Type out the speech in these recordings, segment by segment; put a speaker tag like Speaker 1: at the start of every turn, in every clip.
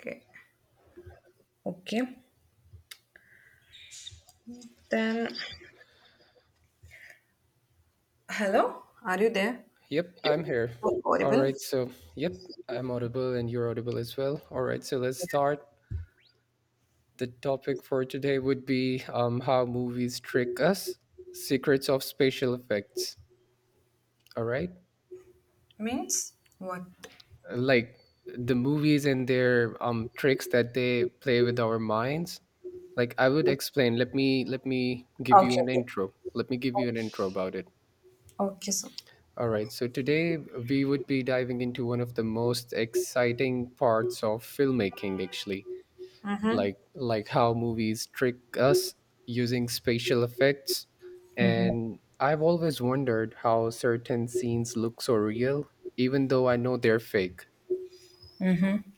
Speaker 1: Okay. Okay. Then, hello? Are you there?
Speaker 2: Yep, I'm here.
Speaker 1: Oh,
Speaker 2: All
Speaker 1: horrible.
Speaker 2: right, so yep, I'm audible and you're audible as well. All right, so let's start. The topic for today would be how movies trick us, secrets of special effects. All right,
Speaker 1: Means what?
Speaker 2: like the movies and their tricks that they play with our minds. Like I would explain. Let me give
Speaker 1: Okay.
Speaker 2: you an
Speaker 1: Okay.
Speaker 2: intro. Let me give you an intro about it.
Speaker 1: Okay, so.
Speaker 2: All right, so today we would be diving into one of the most exciting parts of filmmaking, actually
Speaker 1: Mm-hmm.
Speaker 2: like how movies trick us using spatial effects,
Speaker 1: Mm-hmm.
Speaker 2: and I've always wondered how certain scenes look so real even though I know they're fake.
Speaker 1: Mm-hmm.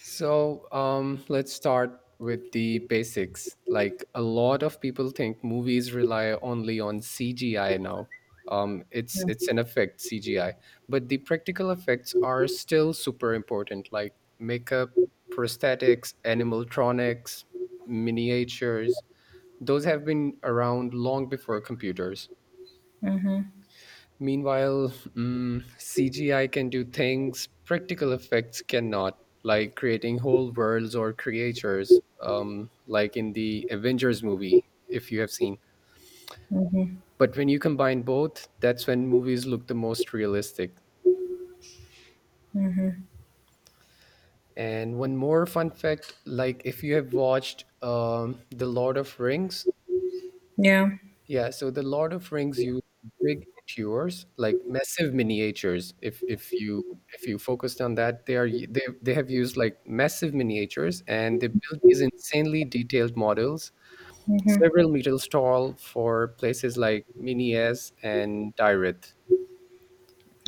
Speaker 2: So let's start with the basics. Like, a lot of people think movies rely only on CGI now. It's an effect CGI, but the practical effects are still super important, like makeup, prosthetics, animatronics, miniatures. Those have been around long before computers. Meanwhile, CGI can do things practical effects cannot, like creating whole worlds or creatures, like in the Avengers movie, if you have seen.
Speaker 1: Mm-hmm.
Speaker 2: But when you combine both, that's when movies look the most realistic.
Speaker 1: Mm-hmm.
Speaker 2: And one more fun fact, like, if you have watched The Lord of Rings,
Speaker 1: Yeah.
Speaker 2: yeah, so the Lord of Rings used big tours, like massive miniatures. If you focused on that, they are they have used like massive miniatures, and they built these insanely detailed models,
Speaker 1: Mm-hmm.
Speaker 2: several meters tall, for places like Minas and Tirith.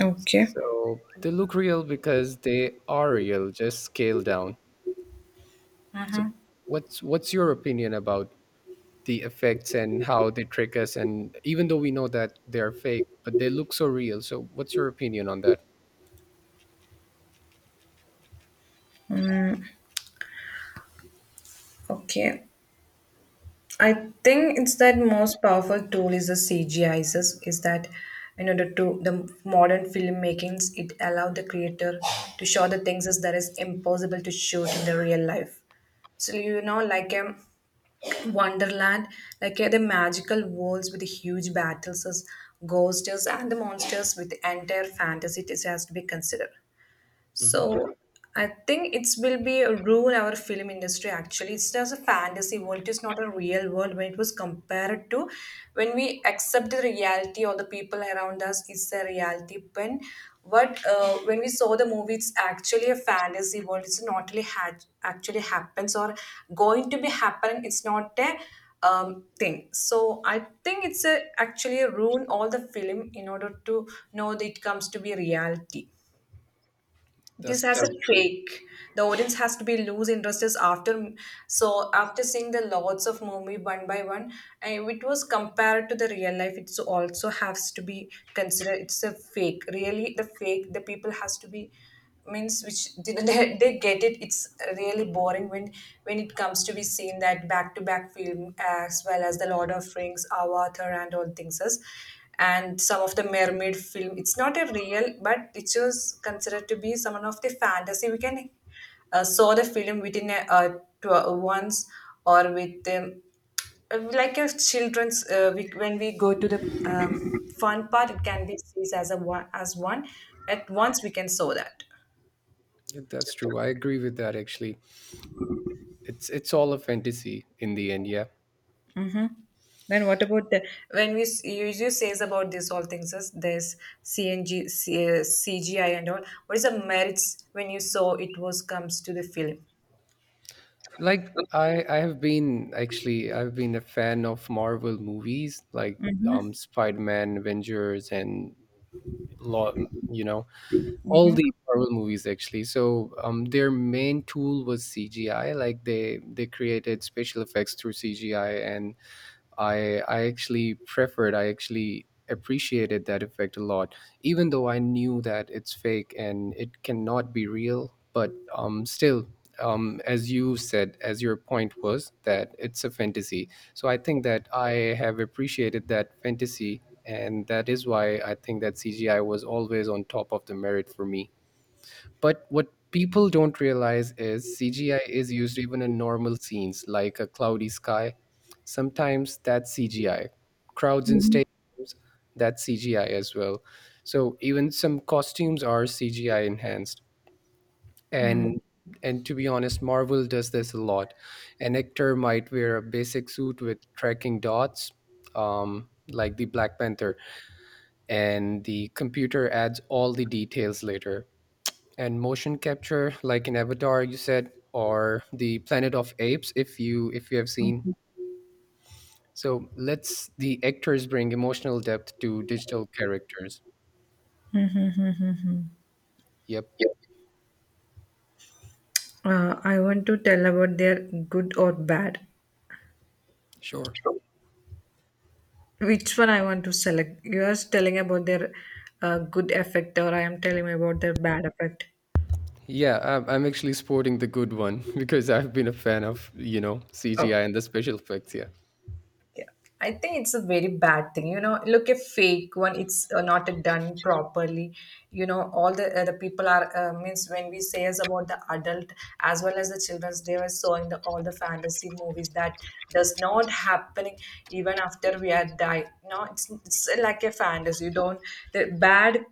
Speaker 1: Okay.
Speaker 2: So they look real because they are real, just scaled down. So what's your opinion about the effects and how they trick us, and even though we know that they're fake but they look so real, so what's your opinion on that?
Speaker 1: Okay. I think it's that most powerful tool is the CGI is that in order to the modern filmmakings it allowed the creator to show the things as that is impossible to shoot in the real life. So like Wonderland, like the magical worlds with the huge battles, as ghosts, and the monsters with the entire fantasy it has to be considered.
Speaker 2: Hmm,
Speaker 1: So I think it will be a ruin our film industry actually. It's just a fantasy world, it is not a real world when it was compared to when we accept the reality or the people around us is the reality. When what when we saw the movie, it's actually a fantasy world. It's not really actually happens or going to be happening. It's not a thing. So I think it's a, actually a ruin all the film in order to know that it comes to be reality, this
Speaker 2: that's
Speaker 1: has a
Speaker 2: true.
Speaker 1: trick, the audience has to be lose interests after, so after seeing the lots of movie one by one and it was compared to the real life it also has to be considered it's a fake, really the fake, the people has to be means which they get it. It's really boring when it comes to be seen that back to back film as well as the Lord of Rings, Avatar and all things else, and some of the mermaid film it's not a real but it was considered to be some of the fantasy. We can saw the film within a, once or with like a children's when we go to the fun part it can be sees as a one as one, at once we can saw that.
Speaker 2: Yeah, that's true, I agree with that actually. It's all a fantasy in the end, yeah.
Speaker 1: Then what about the when you says about this all things is this cng CGI and all, what is the merits when you saw it was comes to the film?
Speaker 2: Like I have been actually, I've been a fan of Marvel movies like Spider-Man, Avengers, and lot, you know, all the Marvel movies actually. So their main tool was CGI. Like they created special effects through CGI, and I actually preferred, I actually appreciated that effect a lot, even though I knew that it's fake and it cannot be real. But still, as you said, as your point was that it's a fantasy. So I think that I have appreciated that fantasy, and that is why I think that CGI was always on top of the merit for me. But what people don't realize is CGI is used even in normal scenes like a cloudy sky. Sometimes that's CGI. Crowds in stadiums, that's CGI as well. So even some costumes are CGI enhanced. And and to be honest, Marvel does this a lot. An actor might wear a basic suit with tracking dots, like the Black Panther, and the computer adds all the details later, and motion capture like in Avatar, you said, or the Planet of Apes, if you have seen. So let's the actors bring emotional depth to digital characters. Yep.
Speaker 1: I want to tell about their good or bad.
Speaker 2: Sure.
Speaker 1: Which one I want to select? You are telling about their good effect, or I am telling about their bad effect.
Speaker 2: Yeah, I'm actually sporting the good one because I've been a fan of, you know, CGI
Speaker 1: Oh.
Speaker 2: and the special effects, yeah.
Speaker 1: I think it's a very bad thing. You know, look a fake one. It's not done properly. You know, all the people are means when we say as about the adult as well as the childrens, they were showing the all the fantasy movies that does not happening even after we are die. No, it's like a fantasy. You don't the bad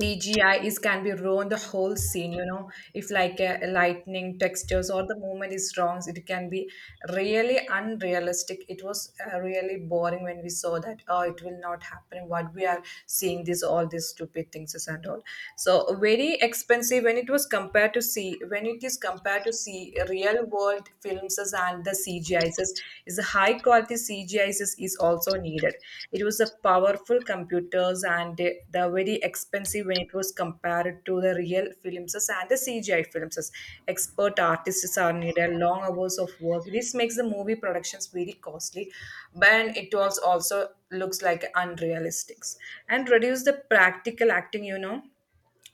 Speaker 1: CGI is can be ruin the whole scene, you know. If like lightning textures or the movement is wrong, it can be really unrealistic. It was really boring when we saw that. Oh, it will not happen. What we are seeing this all these stupid things is and all. So very expensive when it was compared to see, when it is compared to see real world films and the CGI devices is the high quality CGIs is also needed. It was the powerful computers and they're very expensive when it was compared to the real films and the CGI films. Expert artists are needed, long hours of work. This makes the movie productions very costly, but it was also looks like unrealistic and reduce the practical acting, you know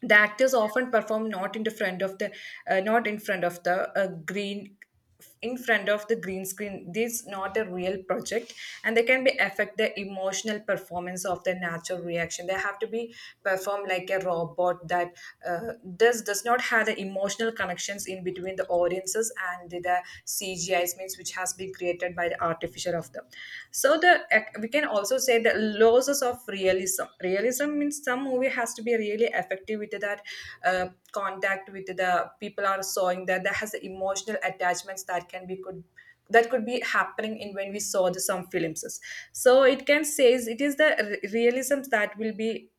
Speaker 1: the actors often perform not in the front of the not in front of the green, in front of the green screen, this is not a real project, and they can be affect the emotional performance of the natural reaction. They have to be performed like a robot that uh, does not have the emotional connections in between the audiences and the CGIs means which has been created by the artificer of them. So we can also say the losses of realism, realism means some movie has to be really effective with that uh, contact with the people are sawing, that that has the emotional attachments that can be could, that could be happening in when we saw the some films. So it can says it is the realism that will be,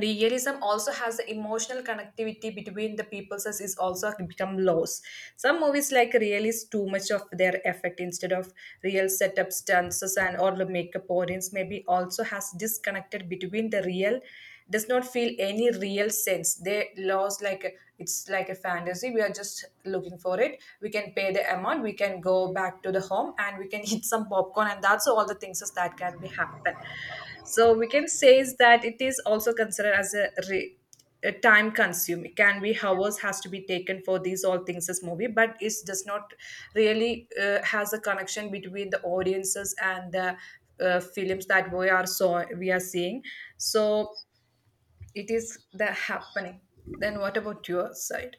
Speaker 1: realism also has the emotional connectivity between the peoples as is also become lows. Some movies like realist too much of their effect instead of real setups, dances and or the makeup, audience maybe also has disconnected between the real, does not feel any real sense, they lost like it's like a fantasy, we are just looking for it, we can pay the amount, we can go back to the home and we can eat some popcorn, and that's all the things that can be happen. So we can say is that it is also considered as a time consume, it can be hours has to be taken for these all things as movie but it does not really has a connection between the audiences and the films that we are, so we are seeing, so it is the happening. Then what about your side?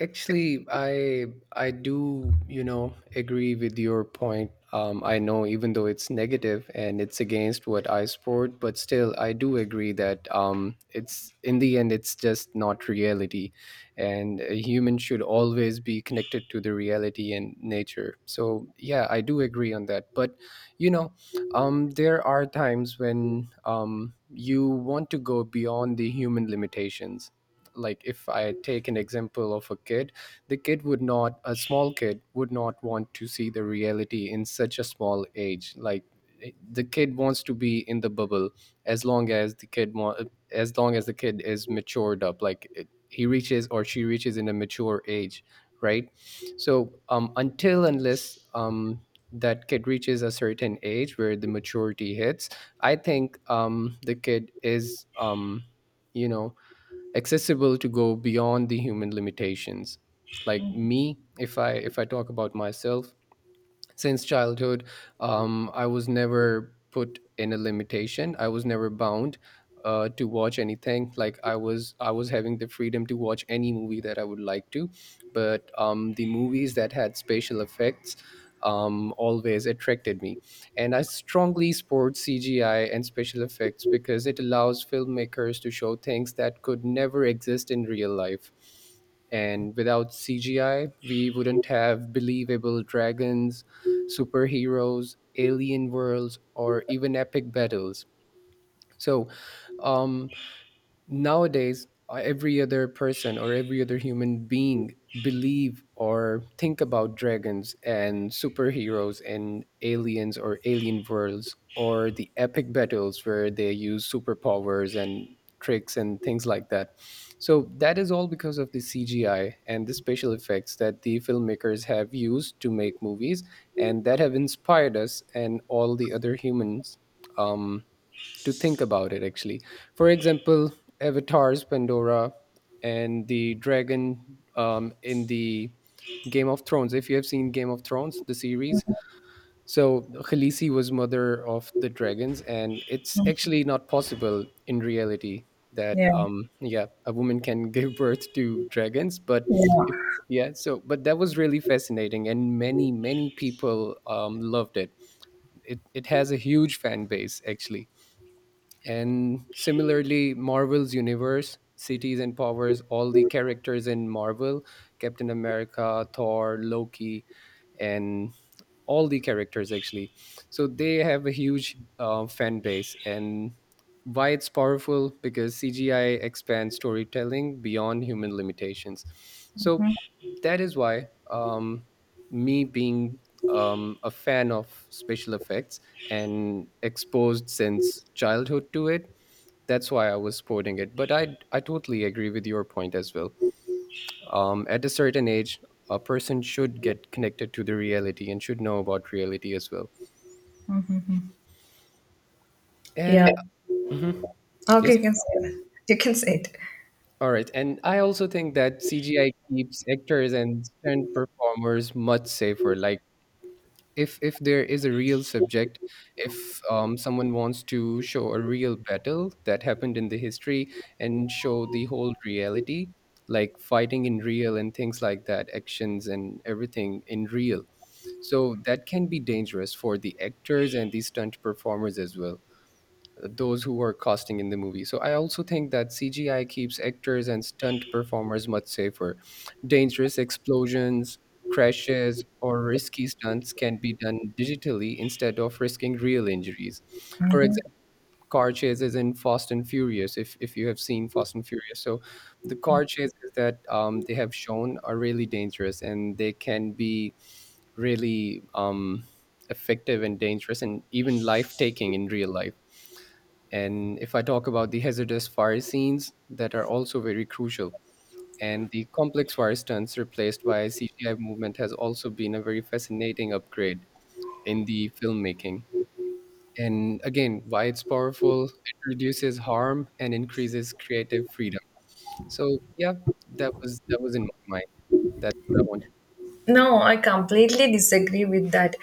Speaker 2: Actually, I do, you know, agree with your point. I know even though it's negative and it's against what I support, but still I do agree that it's in the end it's just not reality, and a human should always be connected to the reality and nature. So yeah, I do agree on that. But you know, there are times when you want to go beyond the human limitations. Like if I take an example of a kid, the kid would not, a small kid would not want to see the reality in such a small age. Like the kid wants to be in the bubble as long as as long as the kid is matured up, like it, he reaches or she reaches in a mature age, right? So until unless that kid reaches a certain age where the maturity hits, I think the kid is you know, accessible to go beyond the human limitations. Like me, if I talk about myself, since childhood, I was never put in a limitation, I was never bound to watch anything. Like I was having the freedom to watch any movie that I would like to. But the movies that had special effects, always attracted me. And I strongly support CGI and special effects because it allows filmmakers to show things that could never exist in real life. And without CGI we wouldn't have believable dragons, superheroes, alien worlds, or even epic battles. So, um, nowadays every other person or every other human being believe or think about dragons and superheroes and aliens or alien worlds or the epic battles where they use superpowers and tricks and things like that. So that is all because of the CGI and the special effects that the filmmakers have used to make movies, and that have inspired us and all the other humans um, to think about it actually. For example, Avatar's Pandora and the dragon in the Game of Thrones. If you have seen Game of Thrones, the series, so Khaleesi was mother of the dragons, and it's actually not possible in reality that
Speaker 1: Yeah.
Speaker 2: yeah, a woman can give birth to dragons. But if
Speaker 1: Yeah.
Speaker 2: yeah, so but that was really fascinating and many many people loved it. It has a huge fan base actually. And similarly, Marvel's universe cities and powers, all the characters in Marvel, Captain America, Thor, Loki, and all the characters actually. So they have a huge fan base. And why it's powerful? Because CGI expands storytelling beyond human limitations. So that is why. Me being a fan of special effects and exposed since childhood to it, that's why I was sporting it. But I totally agree with your point as well. At a certain age, a person should get connected to the reality and should know about reality as well.
Speaker 1: Yeah.
Speaker 2: And mhm.
Speaker 1: Okay,
Speaker 2: Yes,
Speaker 1: you can say that. You can say it.
Speaker 2: all right. And I also think that CGI keeps actors and stunt performers much safer. Like if there is a real subject, if someone wants to show a real battle that happened in the history and show the whole reality, like fighting in real and things like that, actions and everything in real, so that can be dangerous for the actors and the stunt performers as well, those who are casting in the movie. So I also think that CGI keeps actors and stunt performers much safer. Dangerous explosions, crashes, or risky stunts can be done digitally instead of risking real injuries. For example, car chases in Fast and Furious, if you have seen Fast and Furious. So the car chases that they have shown are really dangerous, and they can be really effective and dangerous and even life taking in real life. And if I talk about the hazardous fire scenes that are also very crucial, and the complex fire stunts replaced by CGI movement has also been a very fascinating upgrade in the filmmaking. And again, why it's powerful, it reduces harm and increases creative freedom. So yeah, that was in my mind. That's what I wanted.
Speaker 1: No, I completely disagree with that.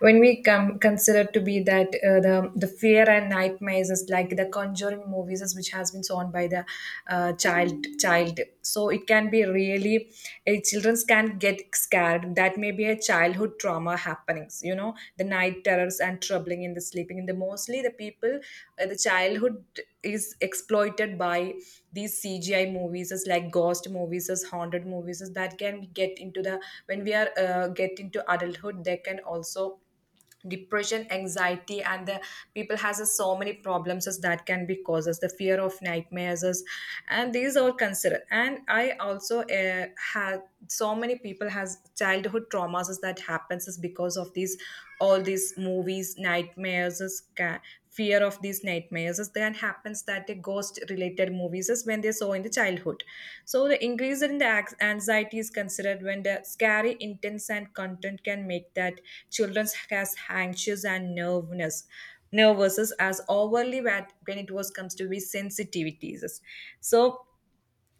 Speaker 1: When we come consider to be that the fear and nightmares is like the Conjuring movies, is which has been shown by the child. So it can be really, children can get scared. That may be a childhood trauma happenings. You know, the night terrors and troubling in the sleeping. In the mostly the people, the childhood is exploited by these CGI movies, as like ghost movies, as haunted movies, as that can get into the when we are get into adulthood, they can also depression, anxiety, and the people has a so many problems as that can be causes the fear of nightmares, as, and these are considered. And I also had so many people has childhood traumas as that happens is because of these all these movies, nightmares, as fear of these nightmares is that happens that the ghost related movies is when they saw in the childhood. So the increase in the anxiety is considered when the scary intense and content can make that children as anxious and nervousness, nervous as overly bad when it was comes to be sensitivities. So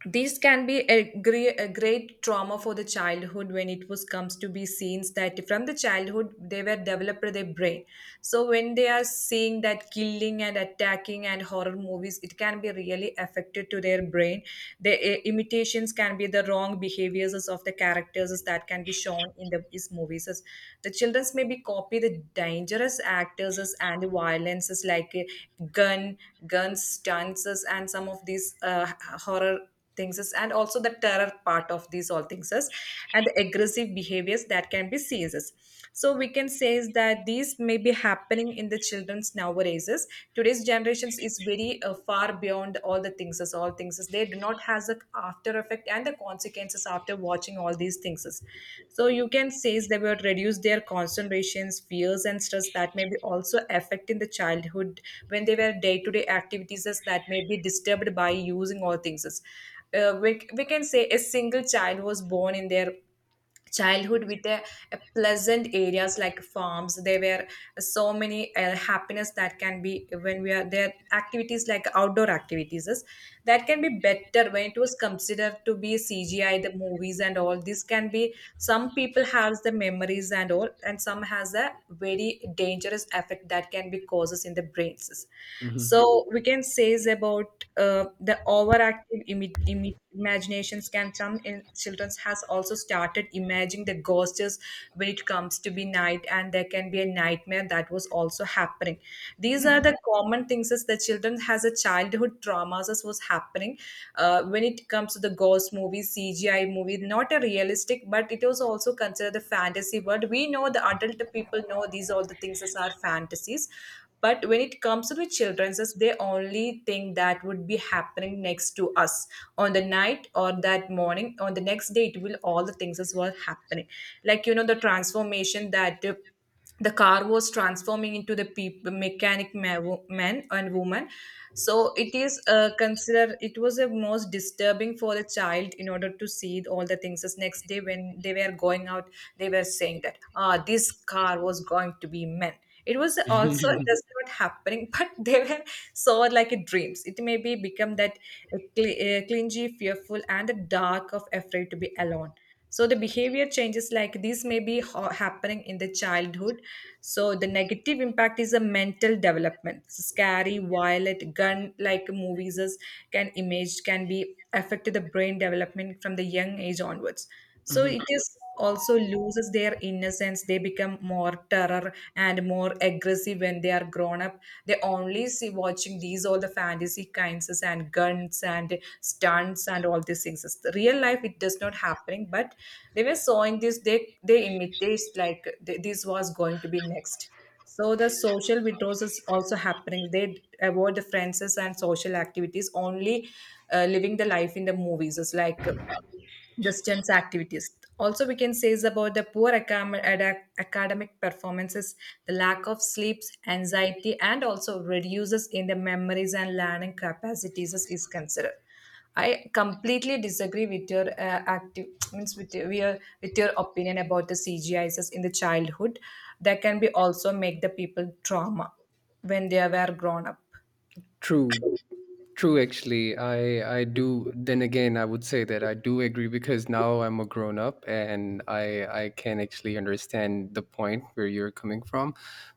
Speaker 1: these can be a great trauma for the childhood when it was comes to be scenes that from the childhood they were developed their brain. So when they are seeing that killing and attacking and horror movies, it can be really affected to their brain. The imitations can be the wrong behaviors of the characters that can be shown in the, these movies. The childrens be copy the dangerous actors and the violences like gun stunts and some of these horror things is and also the terror part of these all things is and the aggressive behaviors that can be seizes. So we can say is that these may be happening in the children's nowadays is today's generations is very far beyond all the things is all things is they do not has the after effect and the consequences after watching all these things is. So you can say they were reduce their concentrations, fears, and stress that may be also affecting the childhood when they were day-to-day activities as that may be disturbed by using all things. We can say a single child was born in their childhood with a pleasant areas like farms, there were so many happiness that can be when we are there activities like outdoor that can be better when it was considered to be CGI the movies and all this can be some people has the memories and all and some has a very dangerous effect that can be causes in the brains.
Speaker 2: Mhm.
Speaker 1: So we can say is about the overactive imaginations can some in children's has also started imagining the ghosts when it comes to be night and there can be a nightmare that was also happening. These are the common things is the children has a childhood traumas as was happening, when it comes to the ghost movies, CGI movie not a realistic but it was also considered a fantasy world, we know the adult people know these all the things as are fantasies, but when it comes to the children's they only think that would be happening next to us on the night or that morning, on the next day it will all the things as well happening, like you know the transformation that the car was transforming into the peop mechanic ma- wo- man and woman. So it is considered it was a most disturbing for the child in order to see all the things as next day when they were going out they were saying that ah this car was going to be men, it was also just not happening, but they were so like it dreams. It may be become that clingy, fearful, and the dark of afraid to be alone. So the behavior changes like this may be happening in the childhood. So the negative impact is a mental development. So scary, violent, can image can be affect the brain development from the young age onwards, so it
Speaker 2: Mhm.
Speaker 1: is also loses their innocence, they become more terror and more aggressive when they are grown up. They only see watching these all the fantasy kinds and guns and stunts and all these things the real life it does not happening but they were showing this they imitate like this was going to be next. So the social withdrawals is also happening, they avoid the friends and social activities, only living the life in the movies is like distance activities. Also, we can say is about the poor academic performances, the lack of sleeps, anxiety, and also reduces in the memories and learning capacities is considered. I completely disagree with your active means with with your opinion about the CGIs in the childhood. That can be also make the people trauma when they were grown up.
Speaker 2: True. True, actually, I do. Then again, I would say that I do agree because now I'm a grown up and I can actually understand the point where you're coming from.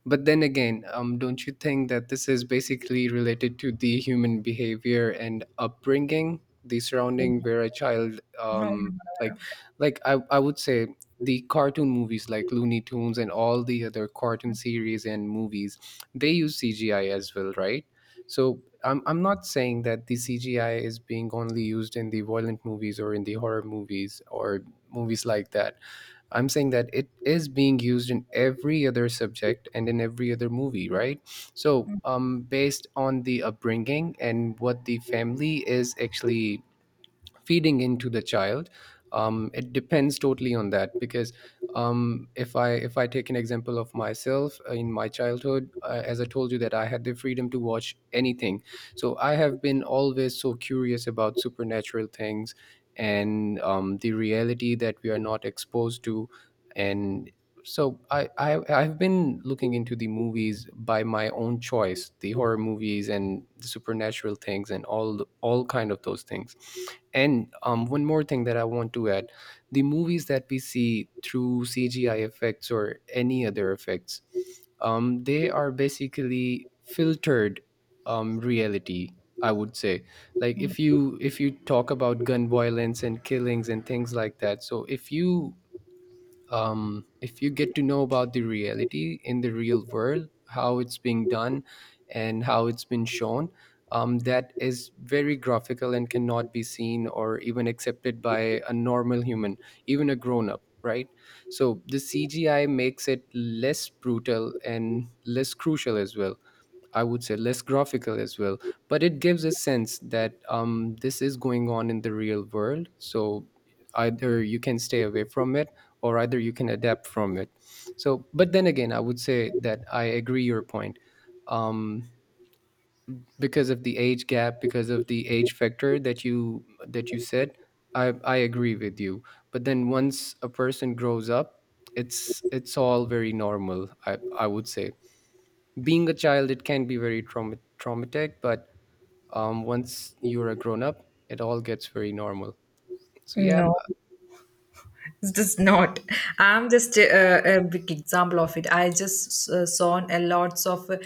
Speaker 2: But then again, don't you think that this is basically related to the human behavior and upbringing, the surrounding where a child
Speaker 1: No, no,
Speaker 2: like,
Speaker 1: no,
Speaker 2: like I would say the cartoon movies like Looney Tunes and all the other cartoon series and movies, they use CGI as well, right? So I'm not saying that the CGI is being only used in the violent movies or in the horror movies or movies like that. I'm saying that it is being used in every other subject and in every other movie, right? So, based on the upbringing and what the family is actually feeding into the child, it depends totally on that because if I take an example of myself in my childhood, as I told you that I had the freedom to watch anything, so I have been always so curious about supernatural things and the reality that we are not exposed to. And so I've been looking into the movies by my own choice, the horror movies and the supernatural things and all kind of those things. And one more thing that I want to add, the movies that we see through CGI effects or any other effects, they are basically filtered reality. I would say, like if you talk about gun violence and killings and things like that, so if you get to know about the reality in the real world, how it's being done and how it's been shown, that is very graphical and cannot be seen or even accepted by a normal human, even a grown up, right? So the CGI makes it less brutal and less crucial as well. I would say less graphical as well, but it gives a sense that this is going on in the real world. So either you can stay away from it or either you can adapt from it. So, but then again, I would say that I agree your point. Um, because of the age gap, because of the age factor that you said, I agree with you. But then once a person grows up, it's all very normal. I would say being a child it can be very traumatic, but once you're a grown up it all gets very normal, so yeah
Speaker 1: No. No. It does not. I'm just a big example of it. I just saw a lots of